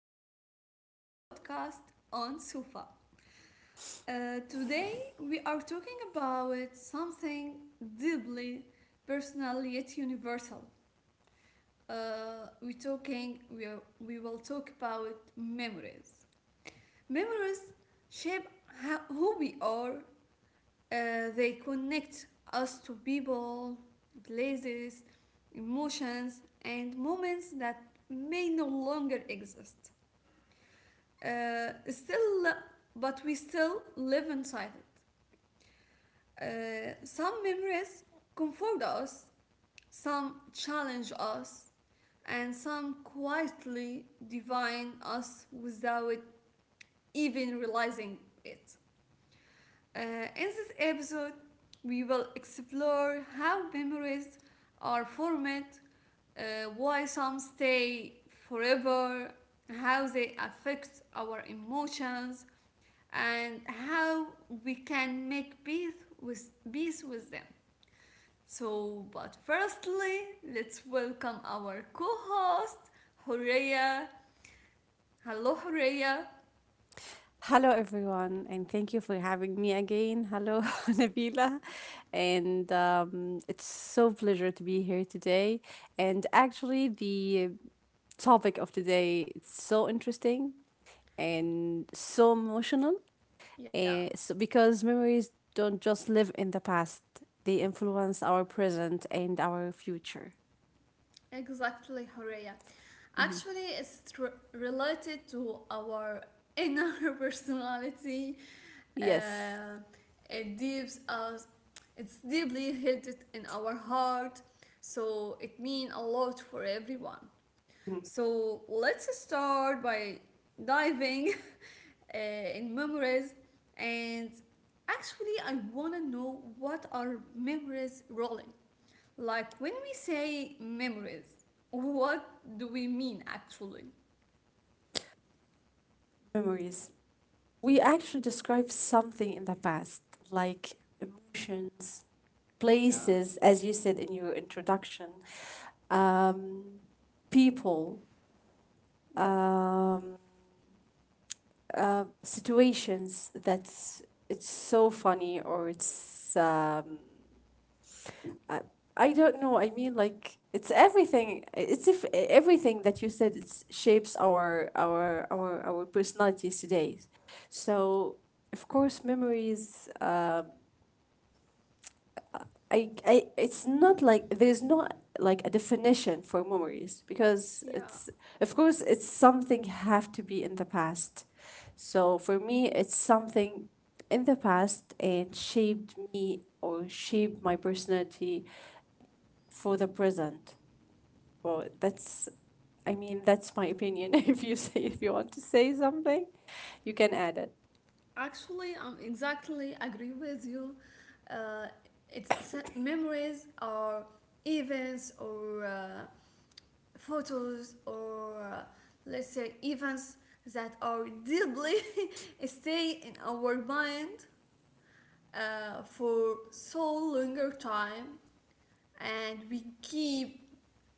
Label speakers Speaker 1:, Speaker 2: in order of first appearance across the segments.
Speaker 1: episode of our podcast on Sufa. Today, we are talking about something deeply personal yet universal. Uh, we talking we, are, we will talk about memories. Memories shape who we are. They connect us to people, places, emotions, and moments that may no longer exist. Still, but we still live inside it. Some memories comfort us, some challenge us, and some quietly divine us without even realizing it. Uh, in this episode, we will explore how memories are formed, uh, why some stay forever, how they affect our emotions, and how we can make peace peace with them. So, but firstly, let's welcome our co host, Horea. Hello, Horea.
Speaker 2: Hello, everyone, and thank you for having me again. Hello, Nabila, and it's so pleasure to be here today. And actually, the topic of today is so interesting and so emotional,
Speaker 1: Yeah.
Speaker 2: and so because memories don't just live in the past; they influence our present and our future.
Speaker 1: Exactly, Horea. Actually, it's related to our inner personality.
Speaker 2: Yes,
Speaker 1: Uh, it deeps us. It's deeply held in our heart, so it means a lot for everyone. So let's start by diving in memories. And actually, I want to know what are memories really? Like when we say memories, what do we mean actually?
Speaker 2: memories. We actually describe something in the past, like emotions,
Speaker 1: Yeah,
Speaker 2: places, as you said in your introduction, um, people,
Speaker 1: yeah,
Speaker 2: um, situations that's it's so funny or it's I, I don't know. I mean, like it's everything. It's if everything that you said it's shapes our personalities today. So of course, memories. I it's not like there's not like a definition for memories because
Speaker 1: yeah.
Speaker 2: it's of course it's something have to be in the past, so for me it's something in the past and shaped me or shaped my personality for the present. Well, that's, I mean, that's my opinion. If you say if you want to say something, you can add it.
Speaker 1: Actually, I'm exactly agree with you. Uh, it's memories are events or photos or let's say events that are deeply stay in our mind for so longer time, and we keep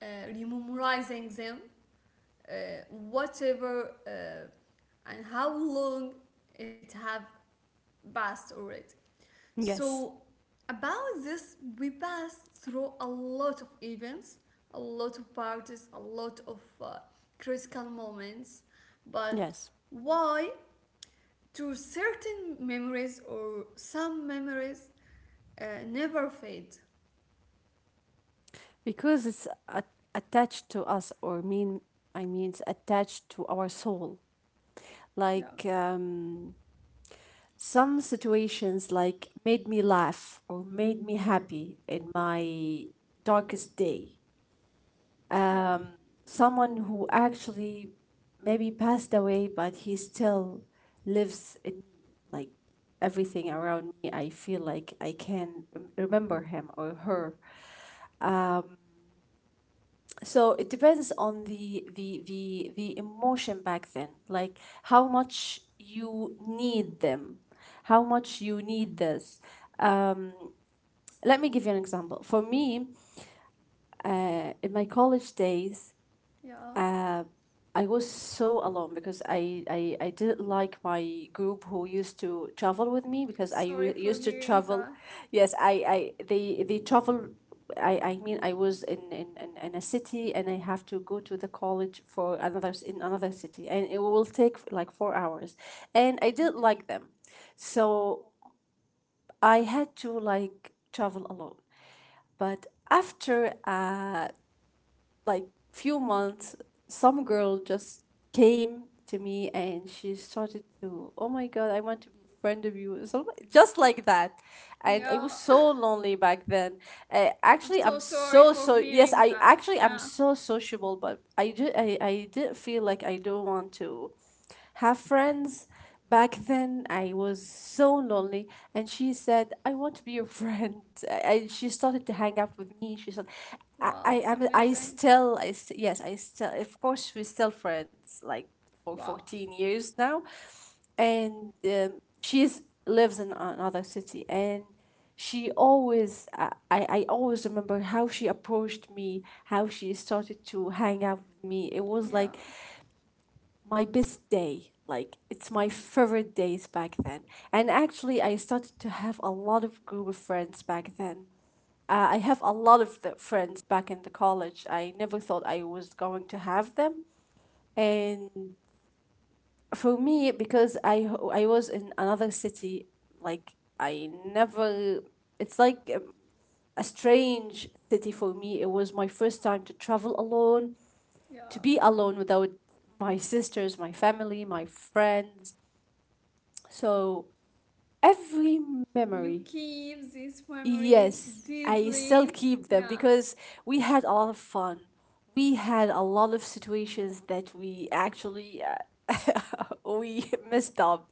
Speaker 1: uh, rememorizing them, uh, whatever and how long it have passed already.
Speaker 2: Yes.
Speaker 1: So about this, we pass through a lot of events, a lot of parties, a lot of critical moments. But
Speaker 2: Yes,
Speaker 1: why do certain memories or some memories never fade?
Speaker 2: because it's attached to us, or mean, I mean it's attached to our soul, like
Speaker 1: Yeah,
Speaker 2: some situations like made me laugh or made me happy in my darkest day.
Speaker 1: yeah,
Speaker 2: um, someone who actually maybe passed away, but he still lives in me. Like everything around me, I feel like I can remember him or her. So it depends on the emotion back then, like how much you need them, how much you need this. um, let me give you an example. For me, in my college days,
Speaker 1: yeah.
Speaker 2: uh, I was so alone because I didn't like my group who used to travel with me, because I
Speaker 1: Sorry
Speaker 2: used
Speaker 1: for
Speaker 2: to
Speaker 1: hearing
Speaker 2: travel.
Speaker 1: that.
Speaker 2: Yes, I they travel. I mean I was in a city and I have to go to the college for in another city, and it will take like 4 hours, and I didn't like them, so I had to like travel alone. But after like few months, some girl just came to me and she started to, oh my god, I want to be a friend of you. So just like that, and I was
Speaker 1: Yeah,
Speaker 2: so lonely back then.
Speaker 1: I'm
Speaker 2: Actually, i'm
Speaker 1: so sorry
Speaker 2: so so
Speaker 1: for
Speaker 2: yes
Speaker 1: hearing
Speaker 2: i
Speaker 1: that.
Speaker 2: actually I'm
Speaker 1: Yeah.
Speaker 2: so sociable, but I didn't feel like I don't want to have friends. Back then, I was so lonely. And she said, I want to be your friend. I, she started to hang out with me. She said,
Speaker 1: Wow, it's
Speaker 2: I, I'm- I
Speaker 1: amazing.
Speaker 2: still, I st- yes, I still, of course, we're still friends, like for
Speaker 1: Wow.
Speaker 2: 14 years now. And she is, lives in another city. And she always, I always remember how she approached me, how she started to hang out with me. It was
Speaker 1: Yeah,
Speaker 2: like my best day. Like it's my favorite days back then. And actually, I started to have a lot of group of friends back then. I have a lot of the friends back in the college. I never thought I was going to have them. And for me, because I was in another city, like I never. It's like a strange city for me. It was my first time to travel alone, to
Speaker 1: yeah.
Speaker 2: be alone without my sisters, my family, my friends. So every
Speaker 1: You
Speaker 2: memory,
Speaker 1: keep this memory
Speaker 2: yes, I still
Speaker 1: deeply.
Speaker 2: keep them
Speaker 1: Yeah.
Speaker 2: because we had a lot of fun. We had a lot of situations that we actually we messed up,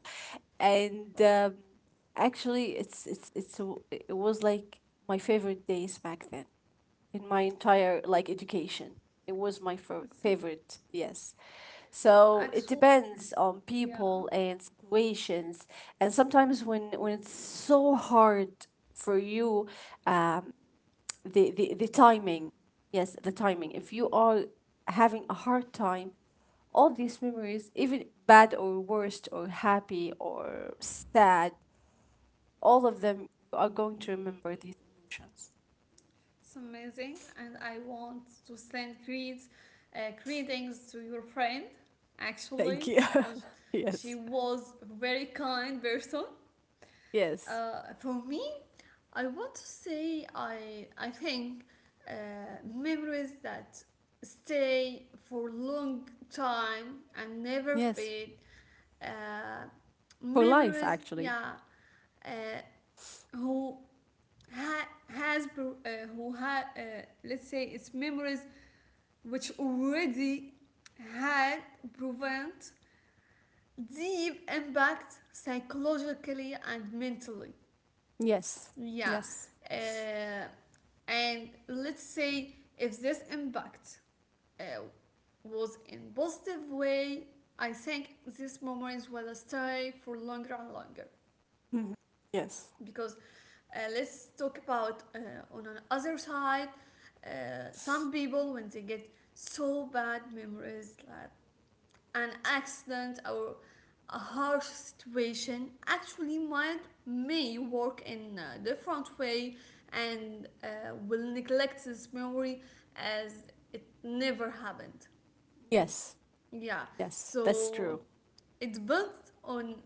Speaker 1: Wow.
Speaker 2: and actually, it was like my favorite days back then in my entire like education. It was my
Speaker 1: It's an
Speaker 2: favorite, yes. So
Speaker 1: actual,
Speaker 2: it depends on
Speaker 1: yeah,
Speaker 2: people and situations, and sometimes when it's so hard for you, um, the timing, yes, the timing. If you are having a hard time, all these memories, even bad or worst or happy or sad, all of them are going to remember these emotions.
Speaker 1: it's amazing. And I want to send greetings to your friend,
Speaker 2: Thank
Speaker 1: actually,
Speaker 2: you.
Speaker 1: because
Speaker 2: yes.
Speaker 1: she was a very kind person.
Speaker 2: Yes.
Speaker 1: For me, I want to say I think uh, memories that stay for long time and never
Speaker 2: Yes.
Speaker 1: fade, uh,
Speaker 2: For life,
Speaker 1: memories
Speaker 2: actually.
Speaker 1: yeah uh, who ha- has pro- uh, who had let's say it's memories which already had prevent deep impact psychologically and mentally.
Speaker 2: Yes.
Speaker 1: Yeah.
Speaker 2: Yes.
Speaker 1: uh, and let's say if this impact uh, was in positive way, I think these memories will stay for longer and longer.
Speaker 2: Yes.
Speaker 1: Because let's talk about on an other side, uh, some people, when they get so bad memories like an accident or a harsh situation, actually might may work in a different way, and will neglect this memory as it never happened.
Speaker 2: Yes.
Speaker 1: Yeah.
Speaker 2: Yes. That's true.
Speaker 1: So it built on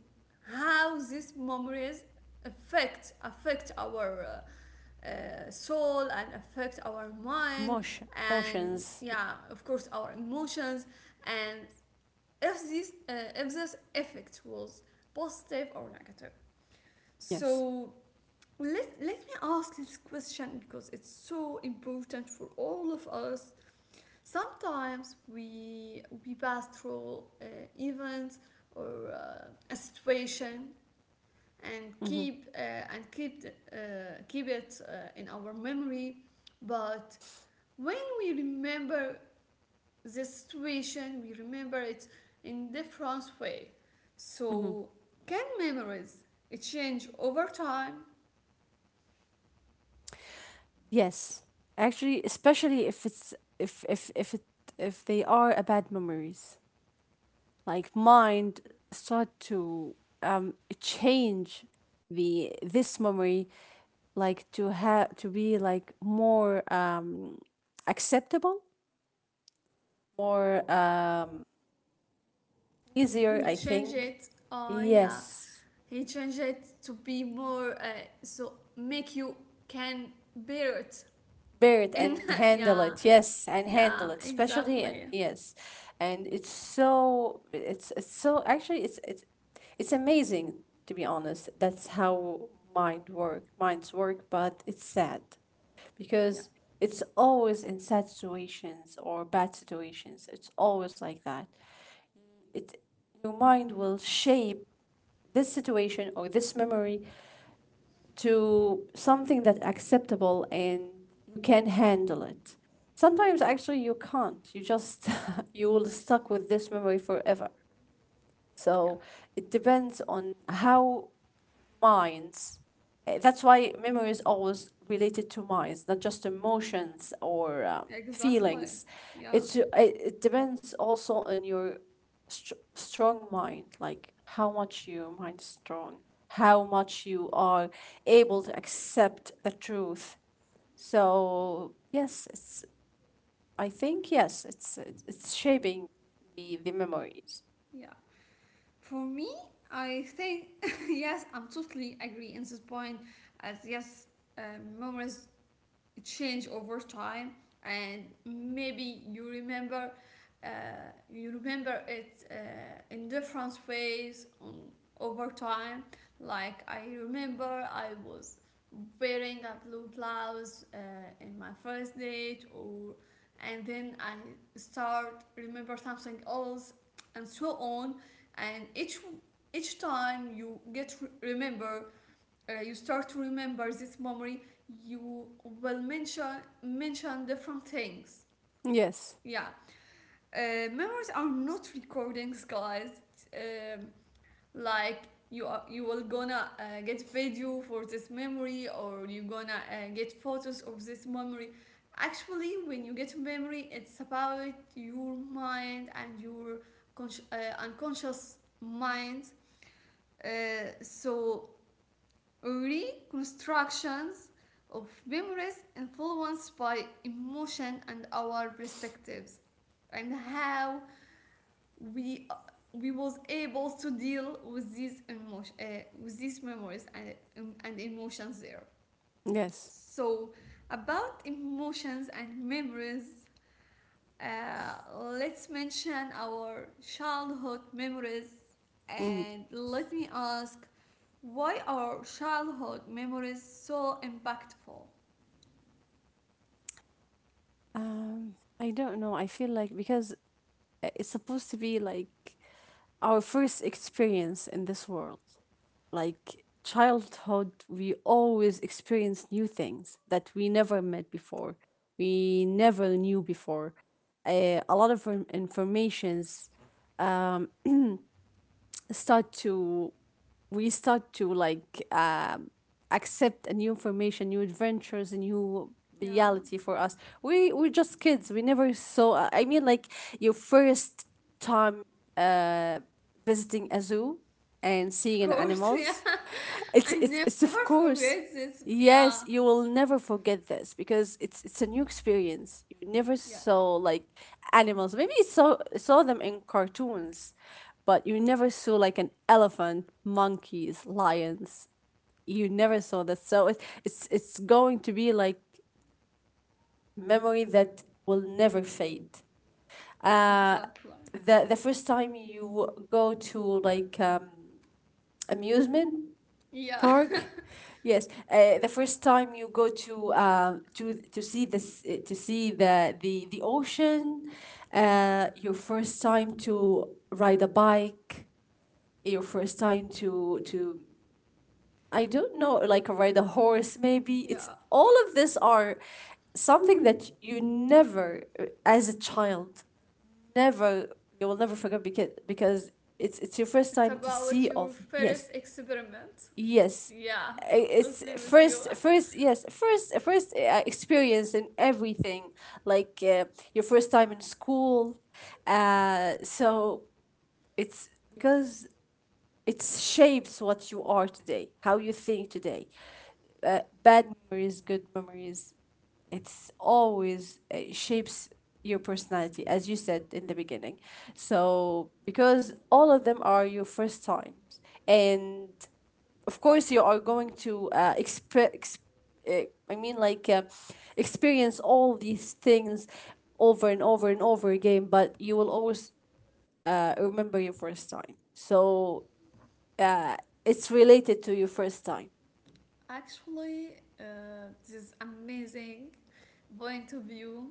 Speaker 1: how these memories affect our soul and affect our mind,
Speaker 2: Motion.
Speaker 1: and,
Speaker 2: Motions.
Speaker 1: yeah, of course, our emotions. And if this effect was positive or negative.
Speaker 2: Yes.
Speaker 1: So let, let me ask this question because it's so important for all of us. Sometimes we pass through events or a situation, and
Speaker 2: Mm-hmm.
Speaker 1: keep and keep keep it in our memory. But when we remember the situation, we remember it in different way.
Speaker 2: Mm-hmm.
Speaker 1: So can memories it change over time?
Speaker 2: Yes. Actually, especially if it's if it if they are a bad memories, like mind start to change the this memory, like to have to be like more acceptable, more easier,
Speaker 1: He
Speaker 2: I
Speaker 1: changed
Speaker 2: think.
Speaker 1: it. Oh yeah,
Speaker 2: Yes.
Speaker 1: he changed it to be more, so make you can bear it.
Speaker 2: Bear it
Speaker 1: And
Speaker 2: and handle
Speaker 1: yeah,
Speaker 2: it. Yes, and
Speaker 1: yeah,
Speaker 2: handle it, especially,
Speaker 1: exactly.
Speaker 2: and yes, and it's so actually it's amazing, to be honest. That's how minds work, but it's sad because
Speaker 1: Yeah,
Speaker 2: it's always in sad situations or bad situations. It's always like that. It your mind will shape this situation or this memory to something that's acceptable and you can handle it. Sometimes actually you can't. You just you will stuck with this memory forever. So
Speaker 1: yeah,
Speaker 2: it depends on how minds. That's why memory is always related to minds, not just emotions or
Speaker 1: exactly.
Speaker 2: feelings.
Speaker 1: Yeah,
Speaker 2: It's it depends also on your strong mind, like how much your mind is strong, how much you are able to accept the truth. So yes, it's I think yes, it's shaping the memories.
Speaker 1: yeah. For me, I think yes, I'm totally agree in this point. As yes, memories change over time, and maybe you remember, uh, you remember it in different ways on, over time. Like I remember I was wearing a blue blouse in my first date. Or, and then I start remember something else, and so on. And each time you get remember you start to remember this memory, you will mention different things.
Speaker 2: Yes,
Speaker 1: Yeah. uh, Memories are not recordings, guys. Um, like you are, you will gonna get video for this memory, or you gonna get photos of this memory. Actually, when you get memory, it's about your mind and your unconscious mind. So reconstructions of memories influenced by emotion and our perspectives, and how we we was able to deal with these emotion, with these memories and emotions there.
Speaker 2: yes.
Speaker 1: So about emotions and memories, uh, let's mention our childhood memories.
Speaker 2: Mm.
Speaker 1: And let me ask, why are childhood memories so impactful?
Speaker 2: I don't know. I feel like because it's supposed to be like our first experience in this world. Like childhood, we always experience new things that we never met before, we never knew before. A lot of informations um, start to we start to like accept a new information, new adventures, a new
Speaker 1: Yeah,
Speaker 2: reality for us. We we're just kids. We never saw. I mean, like your first time. Uh, visiting a zoo and
Speaker 1: of
Speaker 2: seeing
Speaker 1: course. Yeah,
Speaker 2: animals.
Speaker 1: I
Speaker 2: It's
Speaker 1: never
Speaker 2: of
Speaker 1: forget
Speaker 2: course.
Speaker 1: this. Yeah,
Speaker 2: Yes, you will never forget this because it's a new experience. You never
Speaker 1: yeah,
Speaker 2: saw like animals. Maybe you saw them in cartoons, but you never saw like an elephant, monkeys, lions. You
Speaker 1: yeah,
Speaker 2: never saw that. So it's going to be like memory that will never fade. Uh,
Speaker 1: exactly.
Speaker 2: the first time you go to
Speaker 1: Yeah,
Speaker 2: like amusement
Speaker 1: yeah,
Speaker 2: park. Yes, the first time you go to to see the the ocean,
Speaker 1: yeah,
Speaker 2: your first time to ride a bike, your first time to I don't know, like ride a horse maybe. It's
Speaker 1: yeah.
Speaker 2: all of this are something that you never as a child never, you will never forget, because it's your first
Speaker 1: It's
Speaker 2: time to see
Speaker 1: about
Speaker 2: all.
Speaker 1: your
Speaker 2: Yes.
Speaker 1: first experiment.
Speaker 2: Yes.
Speaker 1: Yeah, I'm
Speaker 2: It's
Speaker 1: totally with you.
Speaker 2: first experience in everything, like your first time in school. So it's because it shapes what you are today, how you think today. Bad memories, good memories, it's always shapes your personality, as you said in the beginning. So because all of them are your first times, and of course you are going to I mean like experience all these things over and over and over again, but you will always remember your first time. So uh, it's related to your first time.
Speaker 1: Actually, this is amazing point of view.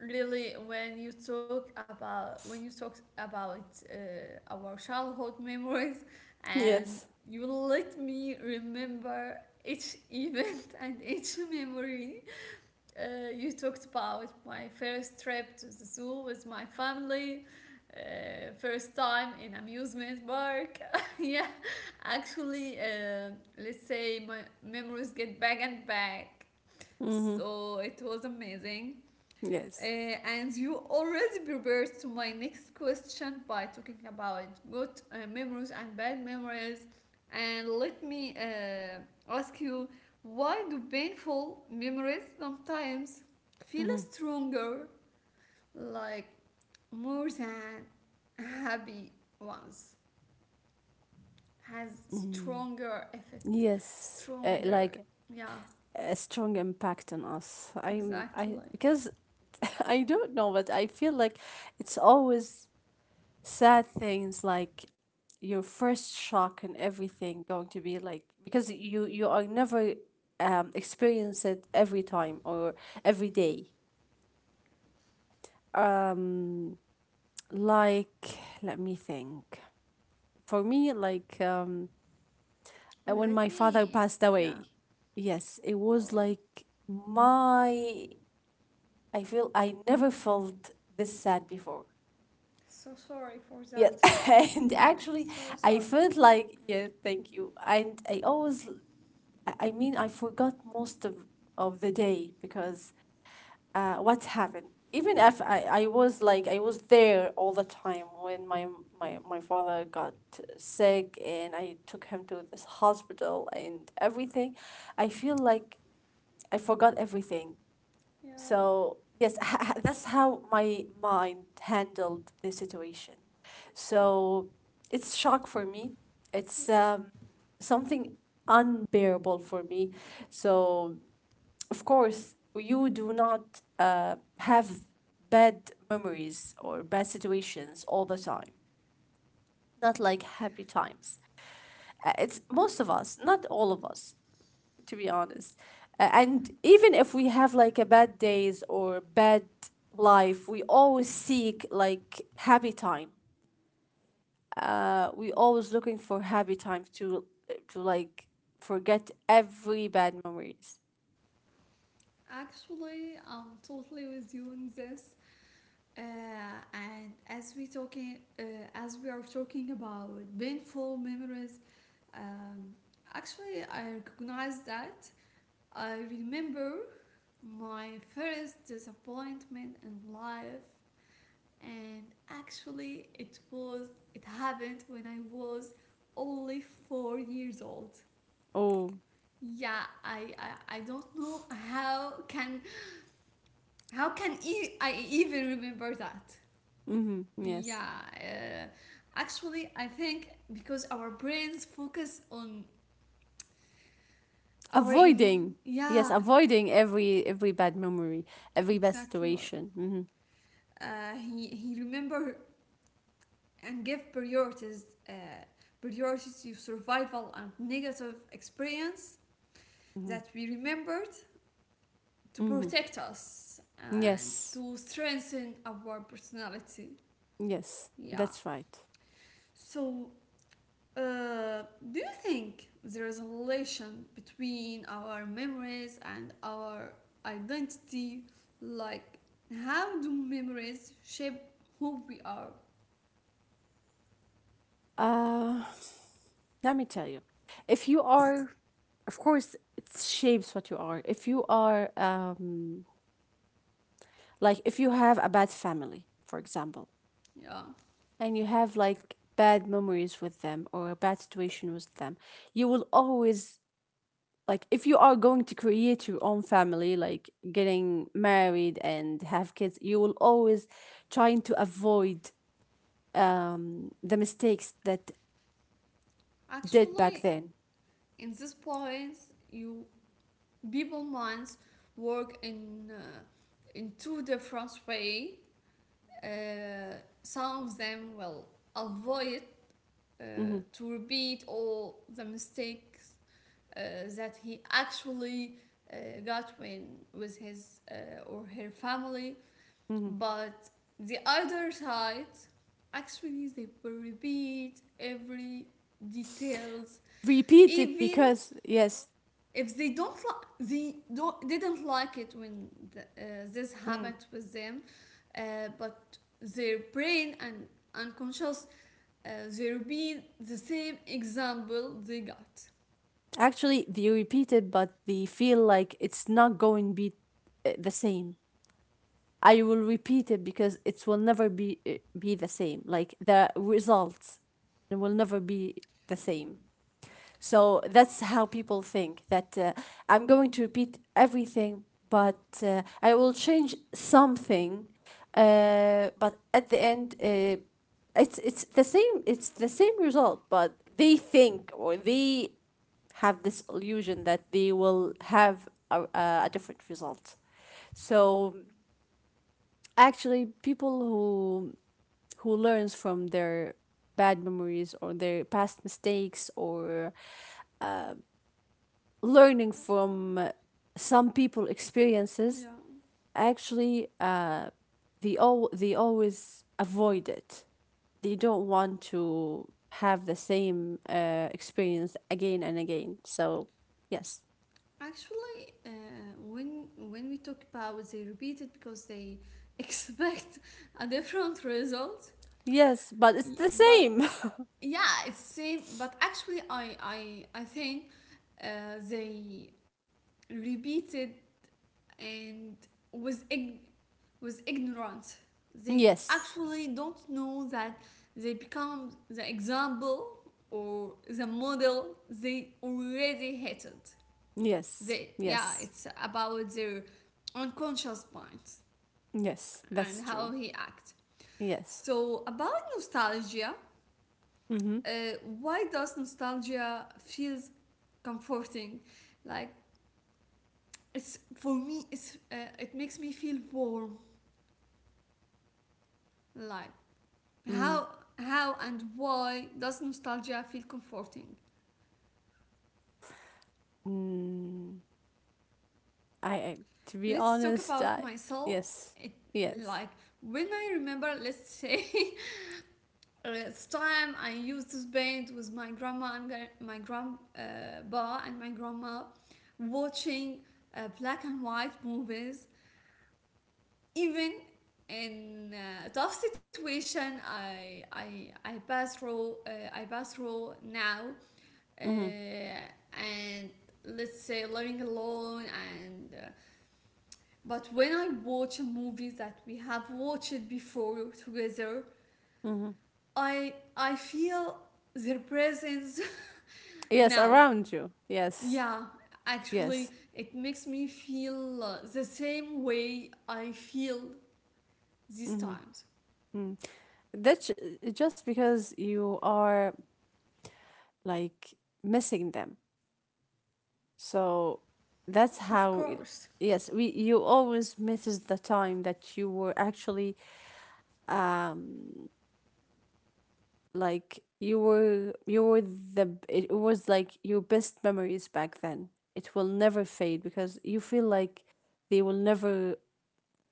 Speaker 1: Really, when you talk about, when you talk about our childhood memories, and
Speaker 2: Yes.
Speaker 1: you let me remember each event and each memory, you talked about my first trip to the zoo with my family, first time in amusement park. Yeah, actually, let's say my memories get back and back.
Speaker 2: Mm-hmm.
Speaker 1: So it was amazing.
Speaker 2: Yes.
Speaker 1: And you already prepared to my next question by talking about good memories and bad memories. And let me ask you, why do painful memories sometimes feel
Speaker 2: Mm-hmm.
Speaker 1: stronger, like more than happy ones? Has
Speaker 2: Mm.
Speaker 1: stronger effect,
Speaker 2: Yes.
Speaker 1: stronger.
Speaker 2: Like
Speaker 1: Yeah,
Speaker 2: a strong impact on us. I,
Speaker 1: exactly.
Speaker 2: because I don't know, but I feel like it's always sad things like your first shock, and everything going to be like, because you are never experience it every time or every day. um let me think. For me, like when my
Speaker 1: Let
Speaker 2: father
Speaker 1: me.
Speaker 2: passed
Speaker 1: Yeah.
Speaker 2: away, yes, it was
Speaker 1: Oh,
Speaker 2: like my, I feel I never felt this sad before.
Speaker 1: so sorry for
Speaker 2: Yeah.
Speaker 1: that.
Speaker 2: And
Speaker 1: Yeah,
Speaker 2: actually,
Speaker 1: so
Speaker 2: I
Speaker 1: sorry.
Speaker 2: felt like, yeah, thank you. And I always I mean, I forgot most of the day because what happened. Even if I was like I was there all the time when my father got sick, and I took him to this hospital and everything, I feel like I forgot everything.
Speaker 1: Yeah,
Speaker 2: So yes, that's how my mind handled the situation. So it's shock for me. It's something unbearable for me. So of course you do not have bad memories or bad situations all the time. Not like happy times. It's most of us, not all of us, to be honest. And even if we have like a bad days or bad life, we always seek like happy time. We always looking for happy time to like forget every bad memories.
Speaker 1: actually, I'm totally with you on this. Uh, and as we talking, as we are talking about painful memories, um, actually, I recognize that. I remember my first disappointment in life, and actually, it was, it happened when I was only 4 years old.
Speaker 2: Oh,
Speaker 1: Yeah, I don't know how can, how can I even remember that.
Speaker 2: mm-hmm, yes.
Speaker 1: Yeah. Actually, I think because our brains focus on
Speaker 2: Avoiding, yes,
Speaker 1: yeah,
Speaker 2: avoiding every bad memory, every bad
Speaker 1: exactly.
Speaker 2: situation. Mm-hmm,
Speaker 1: He remember and give priorities priority to survival and negative experience
Speaker 2: mm-hmm,
Speaker 1: that we remembered, to
Speaker 2: mm-hmm.
Speaker 1: protect us and
Speaker 2: Yes,
Speaker 1: to strengthen our personality.
Speaker 2: yes,
Speaker 1: Yeah.
Speaker 2: that's right.
Speaker 1: So, uh, do you think there is a relation between our memories and our identity? Like, how do memories shape who we are?
Speaker 2: Uh, let me tell you. If you are, of course, it shapes what you are. If you are, like, if you have a bad family, for example,
Speaker 1: Yeah,
Speaker 2: and you have like bad memories with them or a bad situation with them, you will always, like, if you are going to create your own family, like getting married and have kids, you will always trying to avoid the mistakes that did back
Speaker 1: actually,
Speaker 2: then.
Speaker 1: in this point, you people minds work in two different way. Uh, some of them will avoid uh,
Speaker 2: hmm
Speaker 1: to repeat all the mistakes uh, that he actually got when with his or her family.
Speaker 2: hmm
Speaker 1: But the other side, actually, they will repeat every details,
Speaker 2: Repeat it
Speaker 1: even
Speaker 2: because, yes.
Speaker 1: if they don't like, they don't, didn't like it when the, uh, this happened with them. But their brain and unconscious, there will be the same example they got.
Speaker 2: Actually, they repeat it, but they feel like it's not going to be the same. I will repeat it because it will never be be the same. Like the results will never be the same. So that's how people think that I'm going to repeat everything, but I will change something. But at the end, it's the same. It's the same result, but they think or they have this illusion that they will have a different result. So actually, people who learns from their bad memories or their past mistakes or learning from some people experiences
Speaker 1: Yeah.
Speaker 2: actually they all they always avoid it, they don't want to have the same experience again and again, so yes.
Speaker 1: Actually, when we talk about, they repeat it because they expect a different result.
Speaker 2: Yes, but it's the
Speaker 1: But
Speaker 2: same.
Speaker 1: yeah, it's same. But actually, I I think they repeated and was ig- was ignorant. They
Speaker 2: Yes.
Speaker 1: actually don't know that they become the example or the model they already hated. The,
Speaker 2: Yes.
Speaker 1: yeah,
Speaker 2: Yes.
Speaker 1: it's about their unconscious minds
Speaker 2: Yes.
Speaker 1: and
Speaker 2: That's
Speaker 1: how
Speaker 2: true.
Speaker 1: he act.
Speaker 2: Yes.
Speaker 1: So about nostalgia,
Speaker 2: Mm-hmm.
Speaker 1: uh, why does nostalgia feels comforting? Like, it's, for me it's, it makes me feel warm. Like,
Speaker 2: Mm.
Speaker 1: how how and why does nostalgia feel comforting?
Speaker 2: Mm. I, to be
Speaker 1: Let's talk
Speaker 2: honest,
Speaker 1: about
Speaker 2: I
Speaker 1: myself.
Speaker 2: yes.
Speaker 1: It,
Speaker 2: Yes.
Speaker 1: like, when I remember, let's say, last time I used to spend with my grandma and my grandpa and my grandma, watching black and white movies. Even in a tough situation, I I pass through, I pass through now,
Speaker 2: Mm-hmm.
Speaker 1: and let's say living alone. And. But when I watch a movie that we have watched before together,
Speaker 2: Mm-hmm.
Speaker 1: I feel their presence.
Speaker 2: Yes,
Speaker 1: Now,
Speaker 2: around you. Yes.
Speaker 1: yeah, actually,
Speaker 2: Yes.
Speaker 1: it makes me feel, the same way I feel these
Speaker 2: Mm-hmm.
Speaker 1: times.
Speaker 2: Mm. That's just because you are like missing them. So that's how
Speaker 1: Of
Speaker 2: it,
Speaker 1: course.
Speaker 2: yes, we you always misses the time that you were actually, um like you were, you were the, it was like your best memories back then. It will never fade because you feel like they will never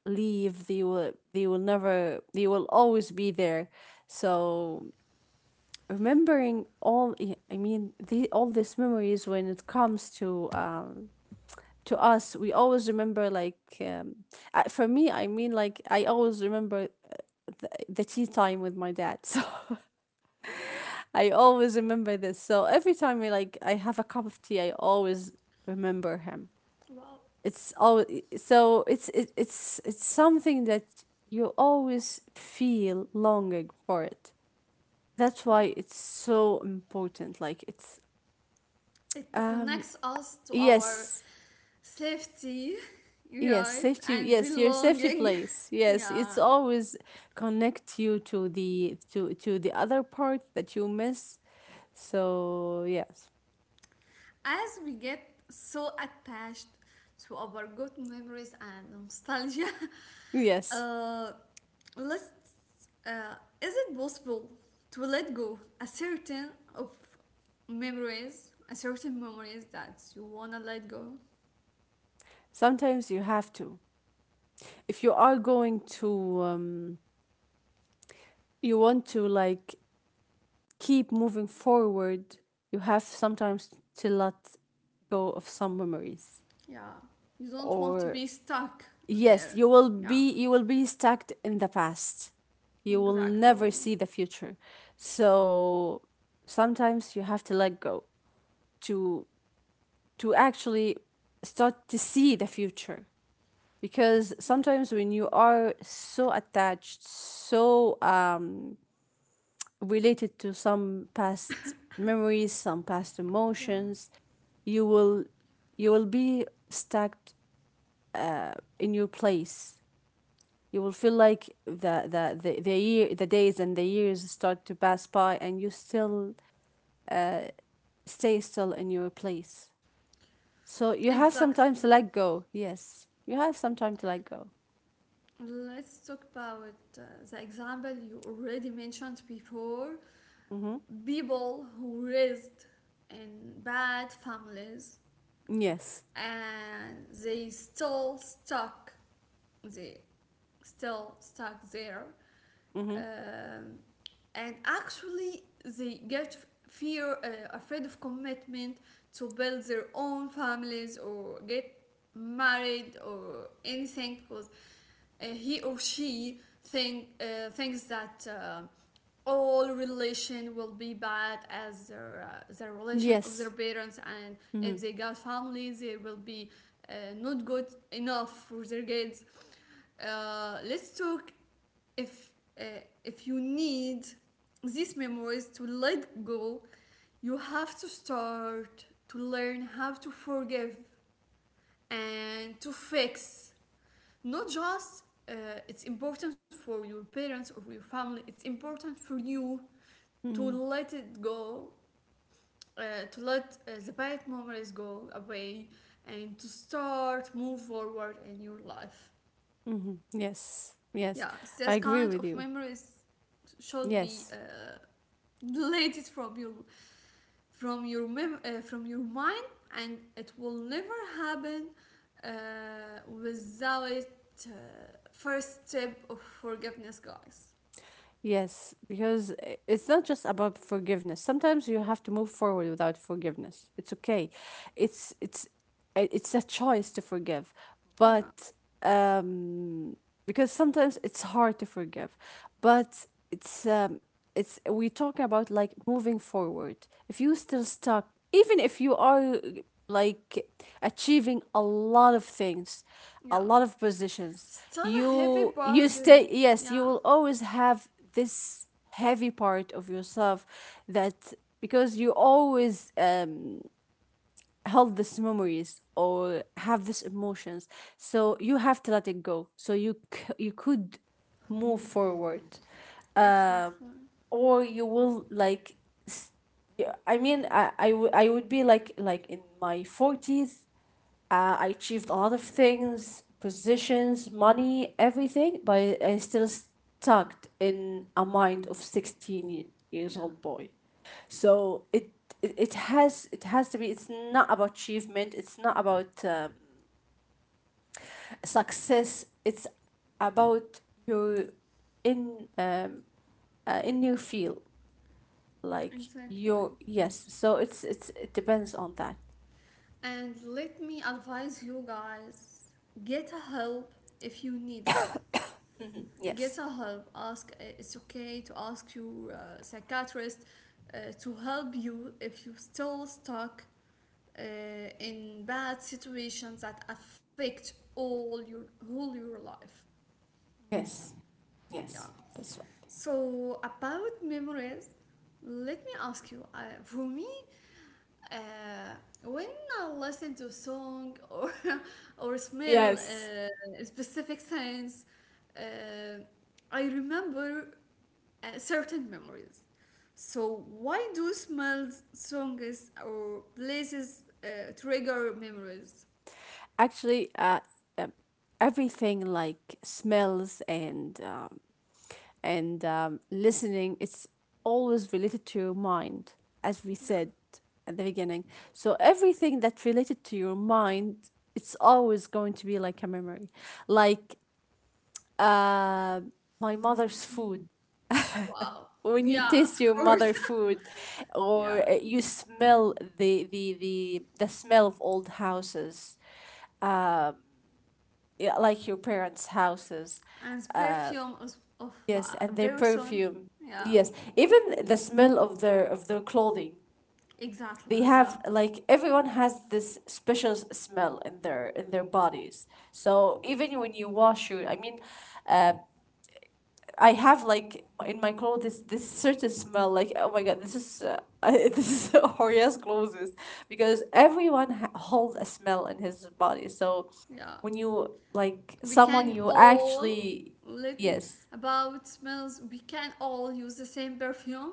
Speaker 2: leave, they will, they will never, they will always be there. So remembering all, I mean, the all these memories when it comes to us, we always remember like for me, I mean, like I always remember the tea time with my dad. So I always remember this. So every time we like I have a cup of tea, I always remember him.
Speaker 1: Well,
Speaker 2: It's always, so it's it's something that you always feel longing for it. That's why it's so important. Like it's
Speaker 1: it
Speaker 2: um
Speaker 1: connects us to our
Speaker 2: yes.
Speaker 1: safety,
Speaker 2: Yes,
Speaker 1: right,
Speaker 2: safety,
Speaker 1: and
Speaker 2: yes, your safety
Speaker 1: belonging.
Speaker 2: place. Yes,
Speaker 1: Yeah.
Speaker 2: it's always connect you to the to the other part that you miss. So yes.
Speaker 1: As we get so attached to our good memories and nostalgia,
Speaker 2: Yes.
Speaker 1: uh, let's, uh, is it possible to let go a certain of memories, a certain memories that you wanna let go?
Speaker 2: Sometimes you have to. If you are going to, you want to like keep moving forward, you have sometimes to let go of some memories.
Speaker 1: Yeah, you don't want to
Speaker 2: Or
Speaker 1: be stuck
Speaker 2: yes,
Speaker 1: there.
Speaker 2: you will
Speaker 1: Yeah,
Speaker 2: be, you will be stuck in the past. You will never
Speaker 1: exactly.
Speaker 2: see the future. So sometimes you have to let go to actually start to see the future. Because sometimes when you are so attached, so related to some past memories, some past
Speaker 1: Yeah,
Speaker 2: emotions, you will, you will be stuck in your place. You will feel like the year, the days and the years start to pass by and you still stay still in your place. So you have some
Speaker 1: exactly.
Speaker 2: time to let go, yes, you have some time to let go.
Speaker 1: Let's talk about the example you already mentioned before,
Speaker 2: Mm-hmm.
Speaker 1: people who raised in bad families,
Speaker 2: Yes.
Speaker 1: and they they still stuck there.
Speaker 2: Mm-hmm.
Speaker 1: Um, and actually, they get fear, afraid of commitment, to build their own families or get married or anything. Because he or she thinks that all relation will be bad as their relation of
Speaker 2: Yes.
Speaker 1: their parents, and if
Speaker 2: Mm-hmm.
Speaker 1: they got family, they will be not good enough for their kids. Let's talk, if uh, if you need these memories to let go, you have to start to learn how to forgive and to fix. Not just it's important for your parents or your family, it's important for you to
Speaker 2: Mm-hmm.
Speaker 1: let it go. uh, to let the bad memories go away, and to start move forward in your life.
Speaker 2: Yes, yes,
Speaker 1: Yeah,
Speaker 2: I
Speaker 1: this
Speaker 2: agree
Speaker 1: kind
Speaker 2: with
Speaker 1: of
Speaker 2: you.
Speaker 1: memories should be
Speaker 2: Yes.
Speaker 1: deleted from your, from your mind. And it will never happen uh, without uh, first step of forgiveness, guys.
Speaker 2: Yes, because it's not just about forgiveness. Sometimes you have to move forward without forgiveness. It's okay. It's it's a choice to forgive,
Speaker 1: Yeah.
Speaker 2: but um, because sometimes it's hard to forgive, but it's we talk about like moving forward. If you still stuck, even if you are like achieving a lot of things, a
Speaker 1: Yeah.
Speaker 2: lot of positions,
Speaker 1: Still a heavy
Speaker 2: you stay,
Speaker 1: burden.
Speaker 2: yes, you
Speaker 1: Yeah,
Speaker 2: will always have this heavy part of yourself that, because you always held these memories or have these emotions. So you have to let it go so you you could move forward. um
Speaker 1: exactly.
Speaker 2: or you will like s- yeah, I mean, I would be like in my 40s. I achieved a lot of things, positions, money, everything, but I still stuck in a mind of 16 years
Speaker 1: Yeah,
Speaker 2: old boy. So it has, it has to be, it's not about achievement, it's not about success, it's about your in um, in your field, like your,
Speaker 1: exactly.
Speaker 2: yes. So it's, it depends on that.
Speaker 1: And let me advise you guys, get a help if you need it. Get
Speaker 2: Yes.
Speaker 1: a help. Ask, it's okay to ask your psychiatrist to help you if you're still stuck uh, in bad situations that affect all your whole your life.
Speaker 2: Yes.
Speaker 1: Yeah.
Speaker 2: Yes. That's right.
Speaker 1: So about memories, let me ask you. For me, Uh, when I listen to song or or smell
Speaker 2: Yes.
Speaker 1: specific scents, uh, I remember certain memories. So why do smells, songs, or places trigger memories?
Speaker 2: Actually um, everything like smells and listening, it's always related to your mind, as we
Speaker 1: Yeah.
Speaker 2: said at the beginning. So everything that related to your mind, it's always going to be like a memory, like uh, my mother's food.
Speaker 1: Wow.
Speaker 2: When you
Speaker 1: Yeah, of
Speaker 2: taste your
Speaker 1: course.
Speaker 2: mother food
Speaker 1: Yeah,
Speaker 2: or you smell the smell of old houses, uh, yeah, like your parents houses,
Speaker 1: and
Speaker 2: uh,
Speaker 1: perfume of, of
Speaker 2: yes,
Speaker 1: uh, a
Speaker 2: and their
Speaker 1: person.
Speaker 2: perfume,
Speaker 1: Yeah,
Speaker 2: yes, even the smell of their, of their clothing.
Speaker 1: exactly.
Speaker 2: They
Speaker 1: Yeah,
Speaker 2: have like everyone has this special smell in their, in their bodies. So even when you wash your, I mean, uh, I have like in my clothes this, this certain smell like, oh my god, this is, this is Horia's clothes, because everyone holds a smell in his body. So
Speaker 1: yeah.
Speaker 2: when you like
Speaker 1: we
Speaker 2: someone,
Speaker 1: can
Speaker 2: you
Speaker 1: all
Speaker 2: actually,
Speaker 1: let me
Speaker 2: yes,
Speaker 1: About smells, we can all use the same perfume,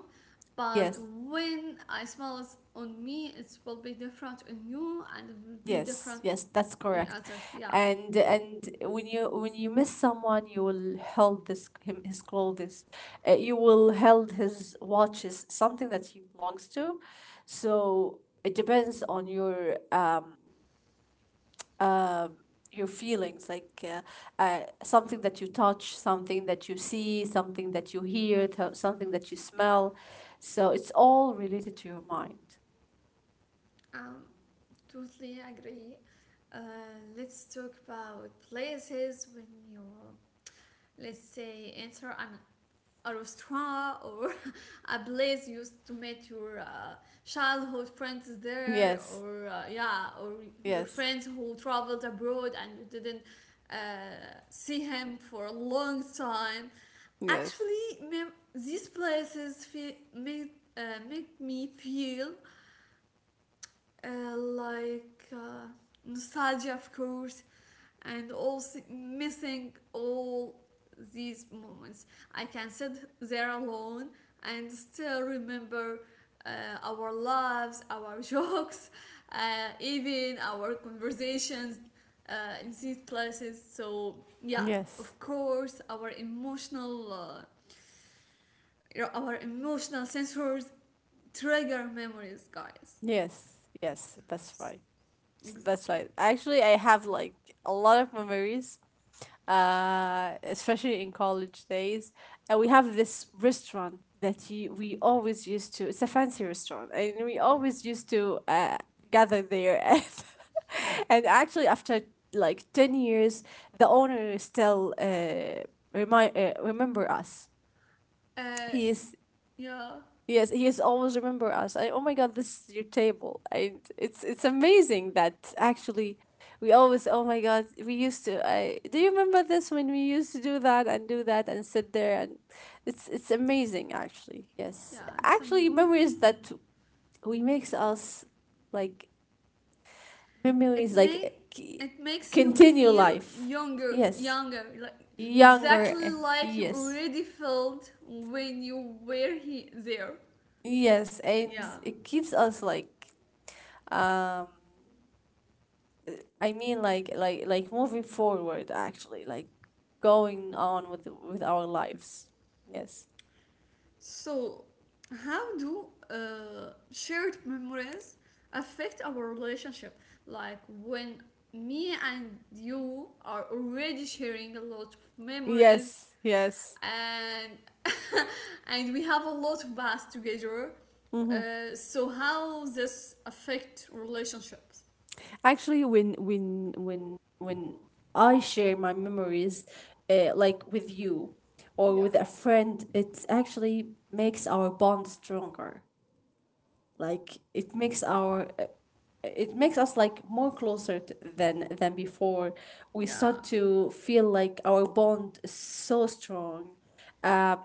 Speaker 1: but
Speaker 2: yes.
Speaker 1: when I smell it on me, it will be different, on you and it will be
Speaker 2: Yes,
Speaker 1: different,
Speaker 2: yes, that's
Speaker 1: on
Speaker 2: correct.
Speaker 1: other. Yeah.
Speaker 2: And when you, when you miss someone, you will held this, him, his clothes, you will held his watches, something that he belongs to. So it depends on um your feelings, like something that you touch, something that you see, something that you hear, something that you
Speaker 1: Yeah.
Speaker 2: smell. So it's all related to your mind.
Speaker 1: um Totally agree. uh, let's talk about places, when you, let's say, enter an out of straw or a place you used to meet your childhood friends there,
Speaker 2: Yes,
Speaker 1: or yeah, or your
Speaker 2: yes,
Speaker 1: friends who traveled abroad and you didn't uh, see him for a long time.
Speaker 2: yes.
Speaker 1: Actually, these places feel uh, make me feel like nostalgia, of course, and also missing all these moments. I can sit there alone and still remember our loves, our jokes, even our conversations uh, in these classes. So yeah,
Speaker 2: Yes.
Speaker 1: of course, our emotional sensors trigger memories, guys.
Speaker 2: Yes, yes, that's right. That's right.
Speaker 1: Exactly.
Speaker 2: Actually, I have like a lot of memories, especially in college days. And we
Speaker 1: Wow.
Speaker 2: have this restaurant that you, we always used to, it's a fancy restaurant, and we
Speaker 1: Wow.
Speaker 2: always used to gather there. And actually, after like 10 years, the owner still remember us.
Speaker 1: Uh,
Speaker 2: He is,
Speaker 1: yeah,
Speaker 2: yes, he is always remember us. I, oh my God, this is your table. I, it's amazing that actually we always, oh my God, we used to, I, do you remember this when we used to do that and sit there? And it's amazing actually. Yes,
Speaker 1: yeah.
Speaker 2: actually memories that we makes us like
Speaker 1: It
Speaker 2: memories like
Speaker 1: make it makes you
Speaker 2: continue
Speaker 1: feel
Speaker 2: life.
Speaker 1: younger,
Speaker 2: Yes,
Speaker 1: younger, like,
Speaker 2: younger.
Speaker 1: exactly
Speaker 2: Eh,
Speaker 1: like you
Speaker 2: yes,
Speaker 1: already felt when you were there.
Speaker 2: yes, and
Speaker 1: Yeah.
Speaker 2: it keeps us like um I mean like moving forward actually, like going on with our lives. Yes.
Speaker 1: So how do shared memories affect our relationship, like when me and you are already sharing a lot of memories,
Speaker 2: Yes, yes.
Speaker 1: and and we have a lot of baths together.
Speaker 2: hmm
Speaker 1: So how this affect relationships?
Speaker 2: Actually, when when I share my memories, like with you or
Speaker 1: Yeah.
Speaker 2: with a friend, it actually makes our bond stronger. Like it makes our, it makes us like more closer than before. We start
Speaker 1: Yeah.
Speaker 2: to feel like our bond is so strong. um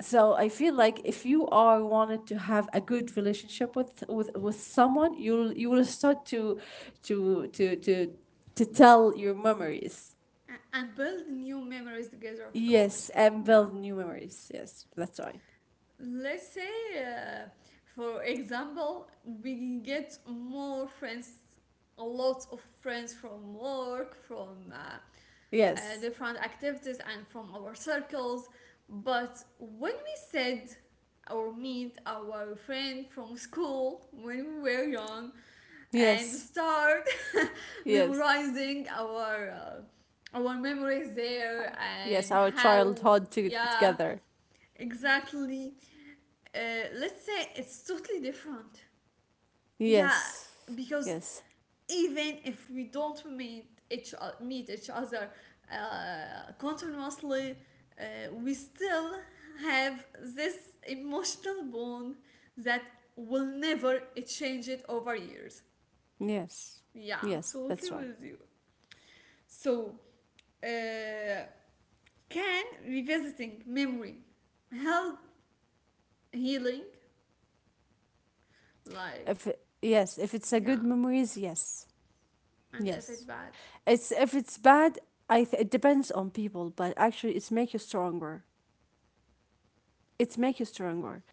Speaker 2: so I feel like if you are wanted to have a good relationship with someone, you'll, you will start to to to to tell your memories.
Speaker 1: And build new memories together, of
Speaker 2: Yes,
Speaker 1: course.
Speaker 2: and build
Speaker 1: Yeah,
Speaker 2: new memories, yes, that's right.
Speaker 1: let's say, for example, we get more friends, a lot of friends from work, from
Speaker 2: Yes.
Speaker 1: different activities and from our circles. But when we said or meet our friend from school when we were young, and
Speaker 2: Yes,
Speaker 1: start
Speaker 2: yes,
Speaker 1: memorizing our memories there,
Speaker 2: yes.
Speaker 1: and
Speaker 2: Our
Speaker 1: how.
Speaker 2: childhood
Speaker 1: Yeah,
Speaker 2: together.
Speaker 1: exactly. Let's say it's totally different. Yeah,
Speaker 2: Yes.
Speaker 1: because
Speaker 2: Yes.
Speaker 1: even if we don't meet each other continuously, we still have this emotional bond that will never change it over years.
Speaker 2: Yes.
Speaker 1: Yeah,
Speaker 2: Yes,
Speaker 1: totally
Speaker 2: that's right.
Speaker 1: with you. So, uh, can revisiting memory help healing?
Speaker 2: If
Speaker 1: Like,
Speaker 2: yes, if it's a
Speaker 1: yeah,
Speaker 2: good memories, yes.
Speaker 1: and if it
Speaker 2: Yes.
Speaker 1: bad,
Speaker 2: It's if it's bad, I it depends on people, but actually it's make you stronger. It's make you stronger.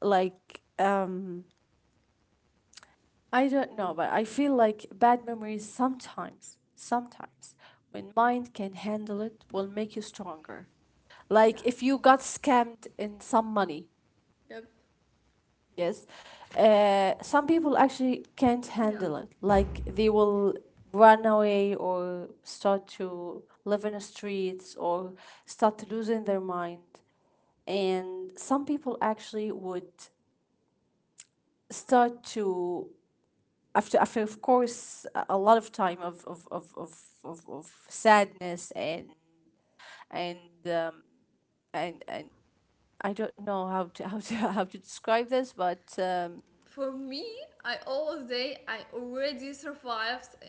Speaker 2: Like I don't know, but I feel like bad memories sometimes, sometimes when mind can handle, it will make you stronger. Like
Speaker 1: yeah,
Speaker 2: if you got scammed in some money,
Speaker 1: yep,
Speaker 2: yes. Some people actually can't
Speaker 1: yeah.
Speaker 2: handle it. Like they will run away or start to live in the streets or start losing their mind. And some people actually would start to, after, after, of course, a lot of time of of sadness and um, and I don't know how to how to, how to describe this, but
Speaker 1: For me, I always say I already survived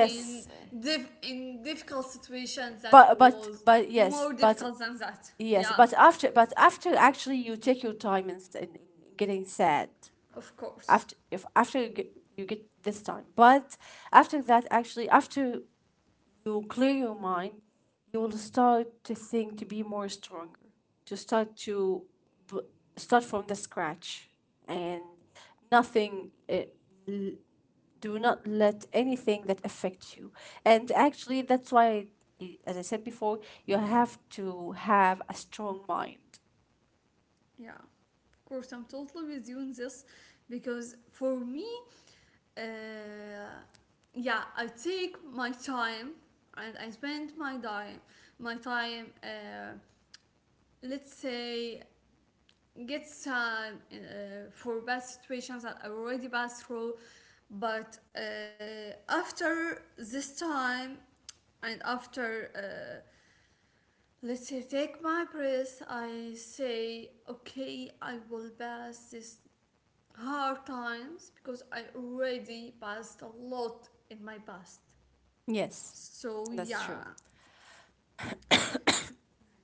Speaker 1: in in difficult situations that
Speaker 2: but
Speaker 1: was
Speaker 2: yes,
Speaker 1: more
Speaker 2: but
Speaker 1: difficult than that.
Speaker 2: yes
Speaker 1: Yeah,
Speaker 2: but after, but after actually you take your time in, getting sad.
Speaker 1: of course.
Speaker 2: After, if after you get this time, but after that, actually, after you clear your mind, you will start to think to be more stronger, to start to b- start from the scratch, and nothing, do not let anything that affects you. And actually, that's why, as I said before, you have to have a strong mind.
Speaker 1: Yeah, of course. I'm totally with you in this, because for me, uh, yeah, I take my time and I spend my time. Let's say gets for bad situations that I already passed through. But after this time, and after, let's say, take my breath, I say, okay, I will pass this hard times, because I already passed a lot in my past.
Speaker 2: Yes,
Speaker 1: So,
Speaker 2: that's true.
Speaker 1: yeah.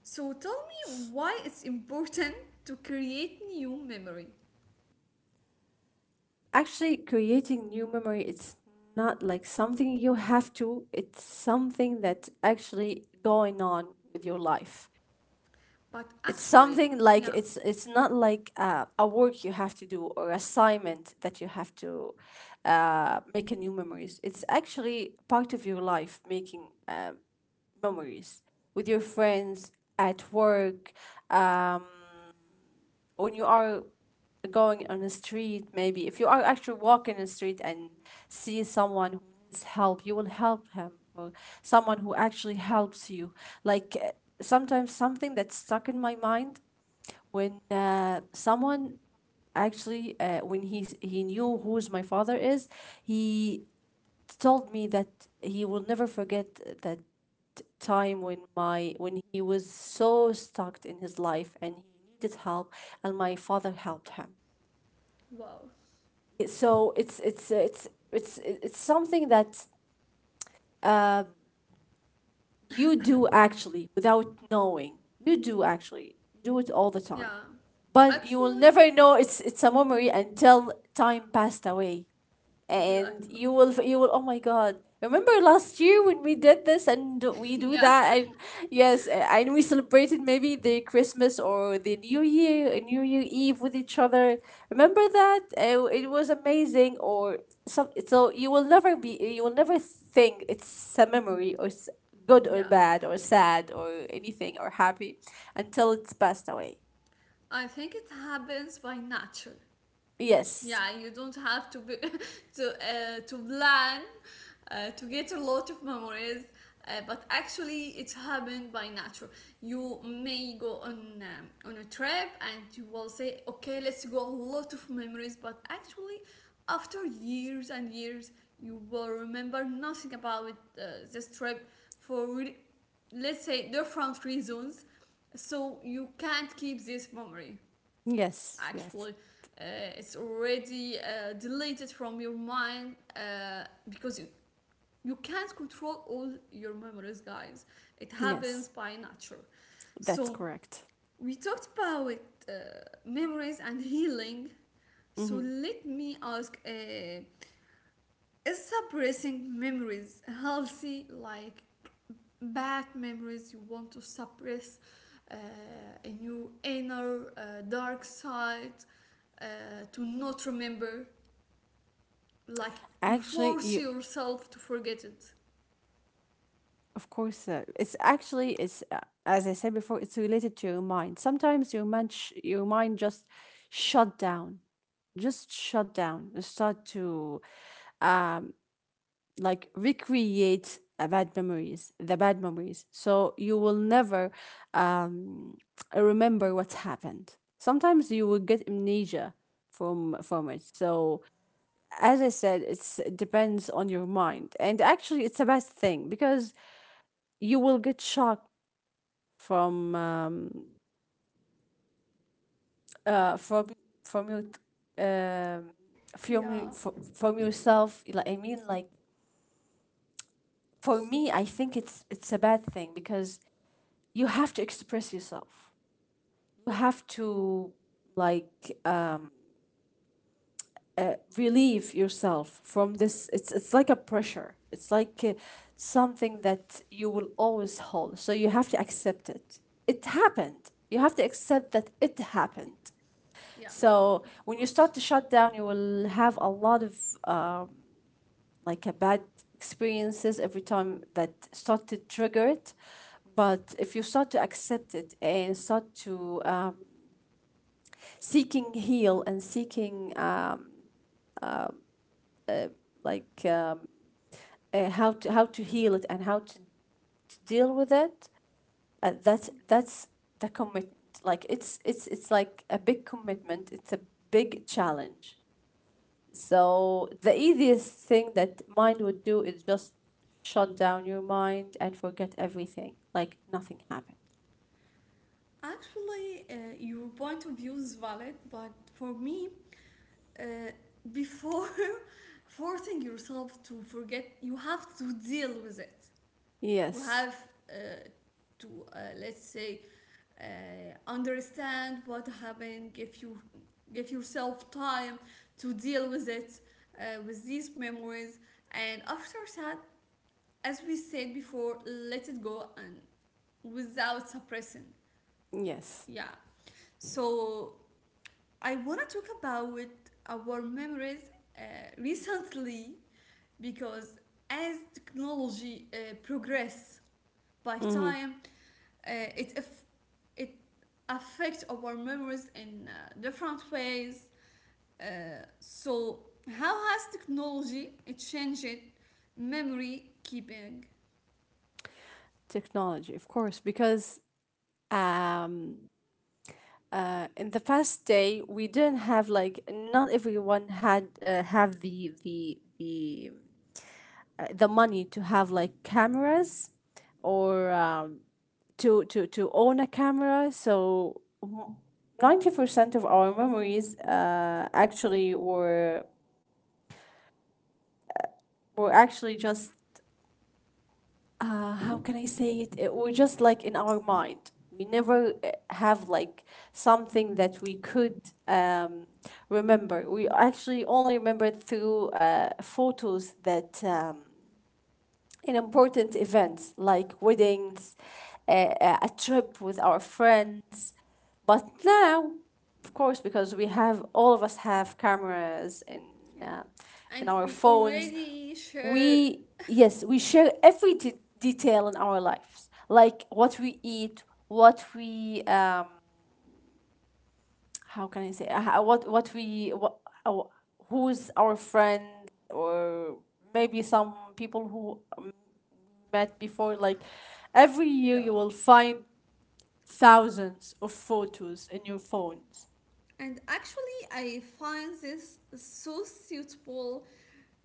Speaker 1: So, tell me, why it's important to create new memory?
Speaker 2: Actually, creating new memory, it's not like something you have to, it's something that's actually going on with your life.
Speaker 1: But
Speaker 2: It's
Speaker 1: actually,
Speaker 2: something like,
Speaker 1: yeah,
Speaker 2: it's not like a work you have to do or assignment that you have to make a new memories. It's actually part of your life, making memories with your friends, at work, um, when you are going on a street. Maybe if you are
Speaker 1: yeah.
Speaker 2: actually walking in the street and see someone who needs help, you will help him, or someone who actually helps you, like sometimes something that's stuck in my mind, when someone actually, when he knew who's my father is, he told me that he will never forget that time, when my, when he was so stuck in his life and he needed help, and my father helped him.
Speaker 1: Wow.
Speaker 2: So it's something that uh, you do actually without knowing. You do actually do it all the
Speaker 1: Yeah.
Speaker 2: time. But you will
Speaker 1: Actually,
Speaker 2: never know it's a memory until time passed away, and
Speaker 1: exactly.
Speaker 2: you will, oh my god, remember last year when we did this and we do
Speaker 1: Yeah.
Speaker 2: that, and yes, and we celebrated maybe the Christmas or the new year, new year eve with each other. Remember that. It was amazing, or some so you will never be, you will never think it's a memory, or good or
Speaker 1: Yeah.
Speaker 2: bad or sad or anything or happy, until it's passed away.
Speaker 1: I think it happens by nature.
Speaker 2: Yes,
Speaker 1: Yeah, you don't have to be to plan to get a lot of memories, but actually it happened by nature. You may go on a trip and you will say, "Okay, let's go a lot of memories," but actually after years and years, you will remember nothing about this trip, for let's say, different reasons, so you can't keep this memory.
Speaker 2: yes. Yes,
Speaker 1: Actually, it's already deleted from your mind, because you can't control all your memories, guys. It
Speaker 2: yes,
Speaker 1: happens by nature.
Speaker 2: that's
Speaker 1: So
Speaker 2: correct.
Speaker 1: we talked about uh, memories and healing. So let me ask, is suppressing memories healthy? Like, bad memories you want to suppress uh, in your inner dark side, uh, to not remember, like, you
Speaker 2: Actually,
Speaker 1: force
Speaker 2: you,
Speaker 1: yourself to forget it.
Speaker 2: of course, it's actually it's as I said before, it's related to your mind. Sometimes your mind shut down, just shut down and start to, um like, recreate bad memories, the bad memories. So you will never, um remember what happened. Sometimes you will get amnesia from it. So as I said, it depends on your mind, and actually, it's a bad thing because you will get shocked from um, uh, from from your um, from your-
Speaker 1: Yeah,
Speaker 2: fro- from yourself. Like, I mean, like, for me, I think it's a bad thing because you have to express yourself. You have to, like, relieve yourself from this. It's like a pressure. It's like, something that you will always hold. So you have to accept it. It happened. You have to accept that it happened.
Speaker 1: yeah, of
Speaker 2: So when you
Speaker 1: course.
Speaker 2: start to shut down, you will have a lot of, um, like, a bad experiences every time that start to trigger it. But if you start to accept it and start to, seeking heal and seeking, uh, uh, like, how to, heal it, and how to deal with it, that's the commitment. Like, it's like a big commitment. It's a big challenge. So the easiest thing that mind would do is just shut down your mind and forget everything, like nothing happened.
Speaker 1: Actually, your point of view is valid, but for me, uh, before forcing yourself to forget, you have to deal with it. You
Speaker 2: Yes.
Speaker 1: have uh, to, let's say, uh, understand what happened, give yourself time to deal with it, with these memories, and after that, as we said before, let it go, and without suppressing.
Speaker 2: Yes.
Speaker 1: Yeah. So I want to talk about our memories uh, recently, because as technology progresses by
Speaker 2: hmm
Speaker 1: time, uh, it aff- it affects our memories in different ways. So how has technology changed memory keeping?
Speaker 2: Technology, of course, because, um, in the past day we didn't have, like, not everyone had have the money to have, like, cameras, or to own a camera. So 90% of our memories, actually, were actually just, how can I say it were just like in our mind. We never have, like, something that we could, um remember. We actually only remember through photos that, in important events like weddings, a trip with our friends. But now, of course, because we have all of us have cameras in,
Speaker 1: Yeah,
Speaker 2: uh, in
Speaker 1: and
Speaker 2: our
Speaker 1: we
Speaker 2: phones,
Speaker 1: already share.
Speaker 2: we, yes, we share every detail in our lives, like what we eat, what we, how can I say, what we what, our, who's our friend, or maybe some people who, met before, like, every year
Speaker 1: Yeah,
Speaker 2: you will find thousands of photos in your phones.
Speaker 1: and actually, I find this so suitable,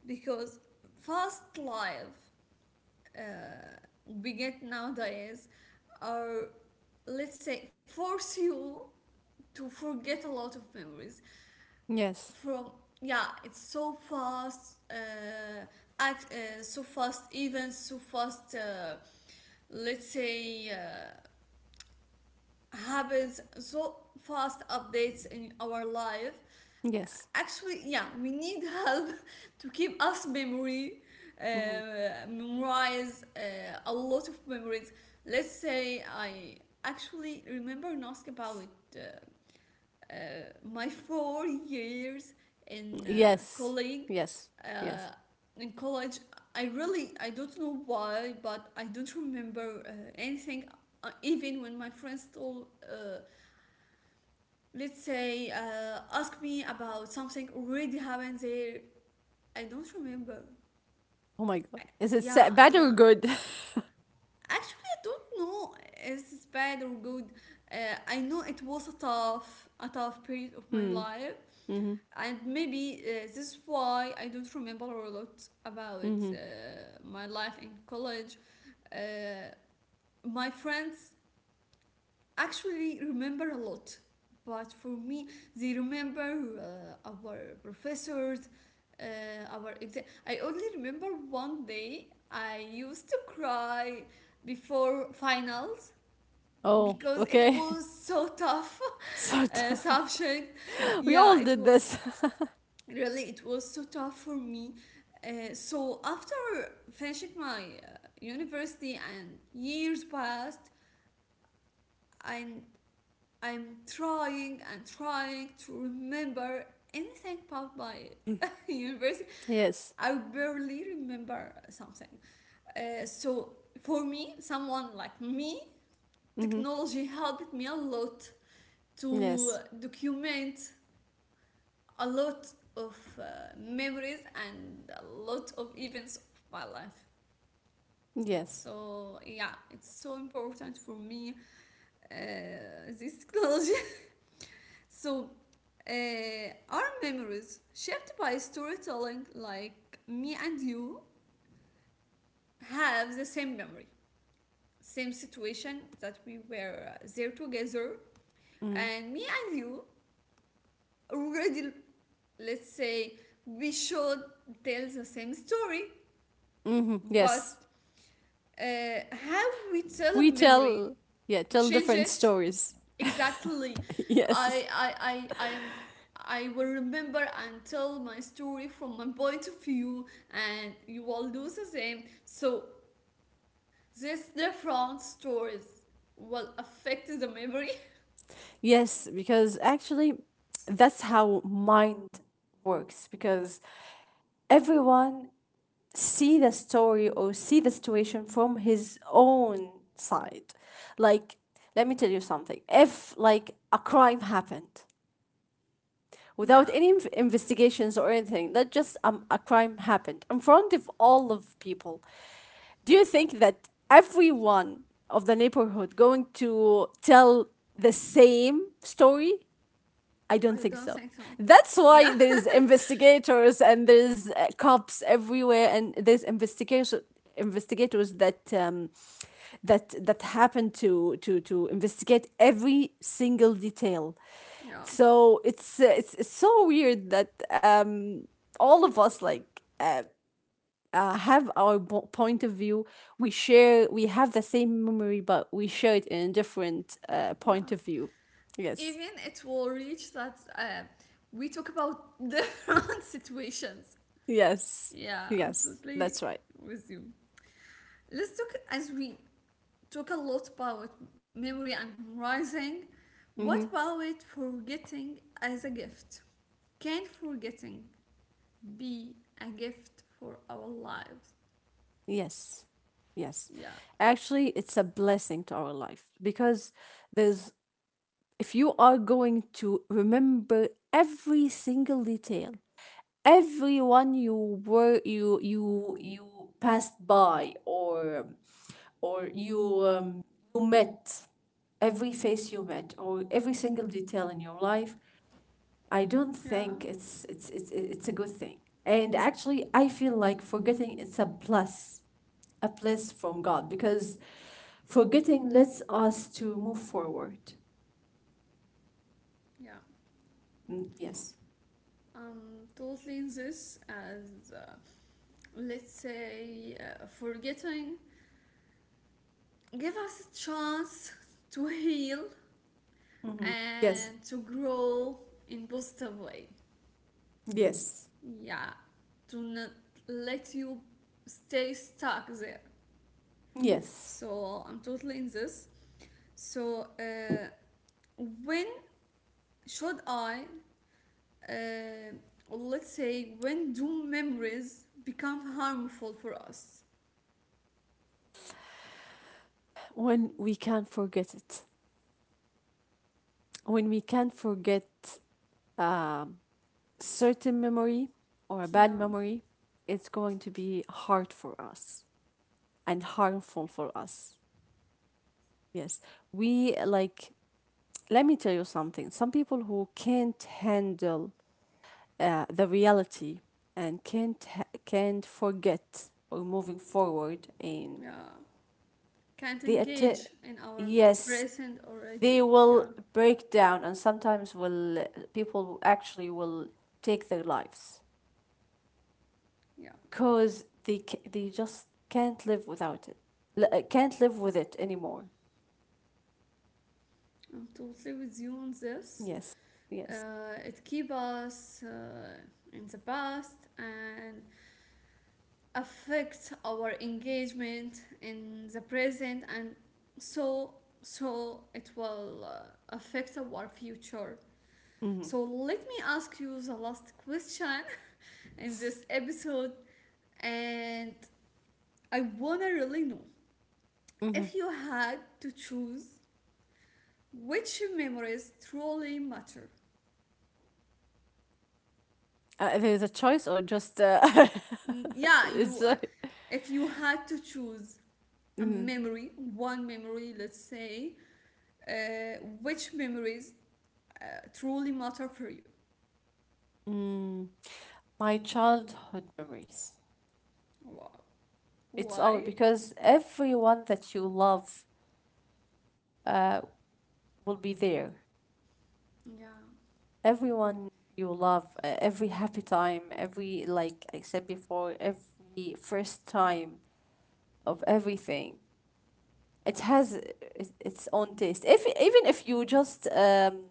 Speaker 1: because fast life uh, we get nowadays are, let's say, force you to forget a lot of memories
Speaker 2: Yes.
Speaker 1: from, yeah, it's so fast, so fast events, so fast let's say habits, so fast updates in our life.
Speaker 2: Yes.
Speaker 1: Actually, yeah, we need help to keep us memory,
Speaker 2: Hmm.
Speaker 1: memorize a lot of memories. Let's say, I actually remember and ask about it, uh, my 4 years in
Speaker 2: Yes.
Speaker 1: colleague
Speaker 2: Yes. Yes.
Speaker 1: uh, in college. I don't know why, but I don't remember anything, even when my friends told let's say, ask me about something already happened there, I don't remember.
Speaker 2: Oh my god.
Speaker 1: I,
Speaker 2: Is it
Speaker 1: yeah,
Speaker 2: bad or
Speaker 1: yeah,
Speaker 2: good?
Speaker 1: actually, I don't know if it's bad or good. uh, I know it was a tough period of my
Speaker 2: Mm.
Speaker 1: life,
Speaker 2: Mhm.
Speaker 1: and maybe this is why I don't remember a lot about
Speaker 2: Mhm.
Speaker 1: my life in college. Uh, my friends actually remember a lot, but for me, they remember our professors, uh, our exam. I only remember one day I used to cry before finals
Speaker 2: Oh,
Speaker 1: because it
Speaker 2: okay.
Speaker 1: was so tough
Speaker 2: So t-
Speaker 1: subject.
Speaker 2: we all
Speaker 1: Yeah, it
Speaker 2: did
Speaker 1: was.
Speaker 2: this.
Speaker 1: Really, it was so tough for me. So after finishing my university and years passed, and I'm trying and trying to remember anything about my university,
Speaker 2: Yes.
Speaker 1: I barely remember something. So for me, someone like me,
Speaker 2: Mhm.
Speaker 1: technology helped me a lot to
Speaker 2: Yes.
Speaker 1: document a lot of memories and a lot of events of my life.
Speaker 2: Yes.
Speaker 1: So yeah, it's so important for me, uh, this technology. So, uh, our memories shaped by storytelling, like me and you, have the same memory, same situation that we were there together,
Speaker 2: Mm-hmm.
Speaker 1: and me and you already, let's say, we should tell the same story,
Speaker 2: Mm-hmm.
Speaker 1: but
Speaker 2: Yes.
Speaker 1: how we tell a
Speaker 2: We
Speaker 1: memory
Speaker 2: tell, yeah, tell
Speaker 1: change
Speaker 2: different
Speaker 1: it.
Speaker 2: stories.
Speaker 1: Exactly.
Speaker 2: Yes.
Speaker 1: i i i i am I will remember and tell my story from my point of view, and you will do the same, so these different stories will affect the memory.
Speaker 2: Yes, because actually, that's how mind works. Because everyone see the story or see the situation from his own side. Like, let me tell you something. If, like, a crime happened, without
Speaker 1: Yeah,
Speaker 2: any investigations or anything. That just, a crime happened in front of all of people. Do you think that everyone of the neighborhood going to tell the same story? I don't
Speaker 1: I
Speaker 2: think
Speaker 1: don't
Speaker 2: so.
Speaker 1: think so.
Speaker 2: That's why
Speaker 1: Yeah.
Speaker 2: there's investigators, and there's cops everywhere, and there's investigation investigators that, that happen to investigate every single detail.
Speaker 1: Yeah,
Speaker 2: So it's, it's so weird that, all of us, like, have our point of view. We have the same memory, but we share it in a different,
Speaker 1: yeah.
Speaker 2: point of view. Yes.
Speaker 1: Even it will reach that we talk about different situations.
Speaker 2: Yes.
Speaker 1: Yeah, I'm
Speaker 2: Yes, that's
Speaker 1: totally
Speaker 2: right.
Speaker 1: with you. Let's talk, as we talk a lot about memory and memorizing, what
Speaker 2: Mm-hmm.
Speaker 1: about forgetting as a gift? Can forgetting be a gift for our lives?
Speaker 2: Yes. Yes.
Speaker 1: Yeah.
Speaker 2: Actually, it's a blessing to our life because, there's, if you are going to remember every single detail, everyone you were, you passed by, or, you, you met, every face you met or every single detail in your life, I don't
Speaker 1: Yeah,
Speaker 2: think it's a good thing. And actually, I feel like forgetting, it's a plus from God because forgetting lets us to move forward.
Speaker 1: yeah.
Speaker 2: Mm, yes.
Speaker 1: Totally in this, as, let's say, forgetting give us a chance to heal
Speaker 2: Mhm. Yes.
Speaker 1: and to grow in positive way.
Speaker 2: Yes.
Speaker 1: Yeah, to not let you stay stuck there.
Speaker 2: Yes.
Speaker 1: So I'm totally in this. So, when should I, uh, let's say, when do memories become harmful for us?
Speaker 2: When we can't forget it, when we can't forget, um, certain memory or a bad
Speaker 1: Yeah,
Speaker 2: memory, it's going to be hard for us and harmful for us. Yes. We, like, let me tell you something. Some people who can't handle, the reality, and can't forget or moving forward, and
Speaker 1: yeah, can't
Speaker 2: they att-
Speaker 1: engage in our
Speaker 2: yes,
Speaker 1: present already.
Speaker 2: they will
Speaker 1: Yeah,
Speaker 2: break down, and sometimes will, people actually will take their lives
Speaker 1: yeah,
Speaker 2: because they just can't live without it. Can't live with it anymore.
Speaker 1: I'm totally with you on this.
Speaker 2: Yes. Yes.
Speaker 1: It keep us in the past, and affects our engagement in the present, and so so it will affect our future.
Speaker 2: Mm-hmm.
Speaker 1: So let me ask you the last question in this episode, and I wanna really know,
Speaker 2: Mm-hmm.
Speaker 1: if you had to choose, which memories truly matter?
Speaker 2: There's a choice, or just,
Speaker 1: Mm, yeah,
Speaker 2: it's
Speaker 1: you,
Speaker 2: like.
Speaker 1: if you had to choose a memory one memory, let's say, uh, which memories truly matter for you?
Speaker 2: Mm, my childhood memories.
Speaker 1: Wow.
Speaker 2: It's all
Speaker 1: Why?
Speaker 2: because everyone that you love, uh, will be there.
Speaker 1: Yeah,
Speaker 2: Everyone you love, every happy time, every, like I said before, every first time of everything. It has its own taste. If, even if you just,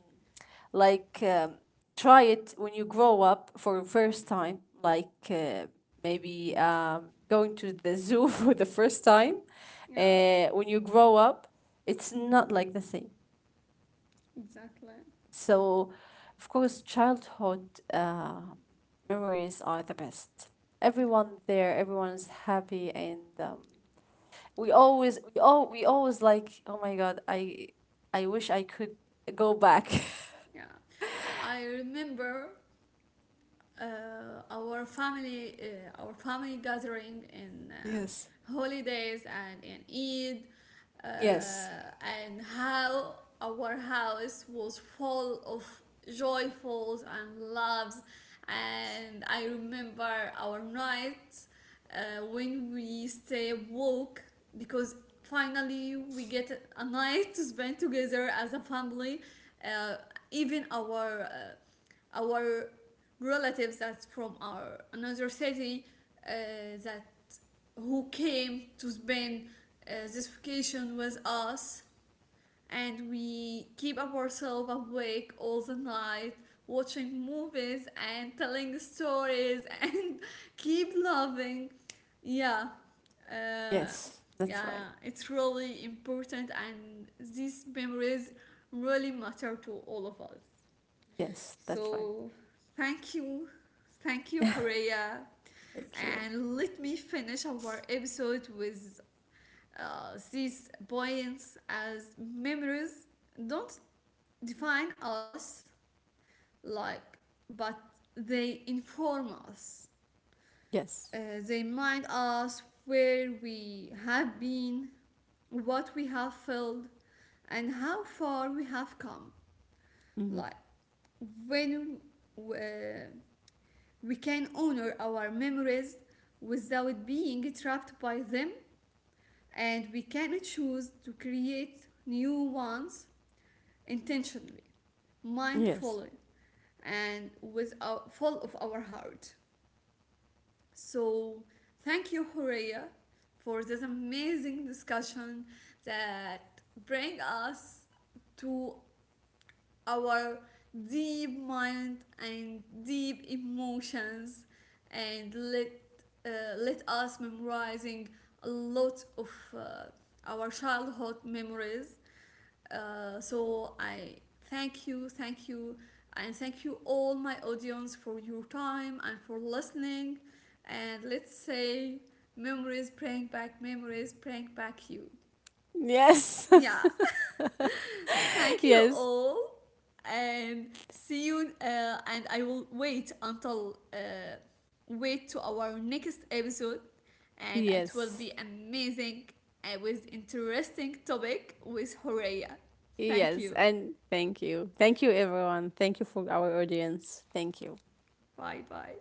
Speaker 2: like, try it when you grow up for first time, like, maybe, going to the zoo for the first time,
Speaker 1: yeah,
Speaker 2: when you grow up, it's not like the same.
Speaker 1: exactly.
Speaker 2: So, of course, childhood, memories are the best. Everyone there, everyone is happy. And, we always, like, oh my god, I wish I could go back.
Speaker 1: Yeah, I remember uh, our family gathering in
Speaker 2: Yes.
Speaker 1: holidays and in Eid, uh,
Speaker 2: Yes.
Speaker 1: and how our house was full of joyfuls and loves, and I remember our nights when we stay woke because finally we get a night to spend together as a family, uh, even our relatives that's from our another city, uh, that, who came to spend this vacation with us, and we keep up ourselves awake all the night, watching movies and telling stories and keep loving. Yeah. uh,
Speaker 2: Yes, that's
Speaker 1: yeah,
Speaker 2: right.
Speaker 1: it's really important, and these memories really matter to all of us.
Speaker 2: Yes, that's right.
Speaker 1: So thank you. Thank you, Horea.
Speaker 2: Thank you.
Speaker 1: And let me finish our episode with these points, as memories don't define us, like, but they inform us.
Speaker 2: Yes.
Speaker 1: They remind us where we have been, what we have felt, and how far we have come.
Speaker 2: Hmm.
Speaker 1: Like when uh, We can honor our memories without being trapped by them, and we can choose to create new ones intentionally,
Speaker 2: Yes.
Speaker 1: mindfully, and full of our heart. So, thank you, Horea, for this amazing discussion that bring us to our deep mind and deep emotions, and let us memorizing a lot of uh, our childhood memories. So I thank you, thank you, and thank you all my audience for your time and for listening, and let's say, memories bring back, memories bring back you.
Speaker 2: Yes.
Speaker 1: Yeah. Thank you
Speaker 2: Yes.
Speaker 1: all, and see you. And I will wait until wait to our next episode, and it will
Speaker 2: Yes.
Speaker 1: be amazing and with interesting topic with Horea. Thank
Speaker 2: Yes,
Speaker 1: you.
Speaker 2: and thank you, thank you, everyone. Thank you for our audience. Thank you.
Speaker 1: Bye bye.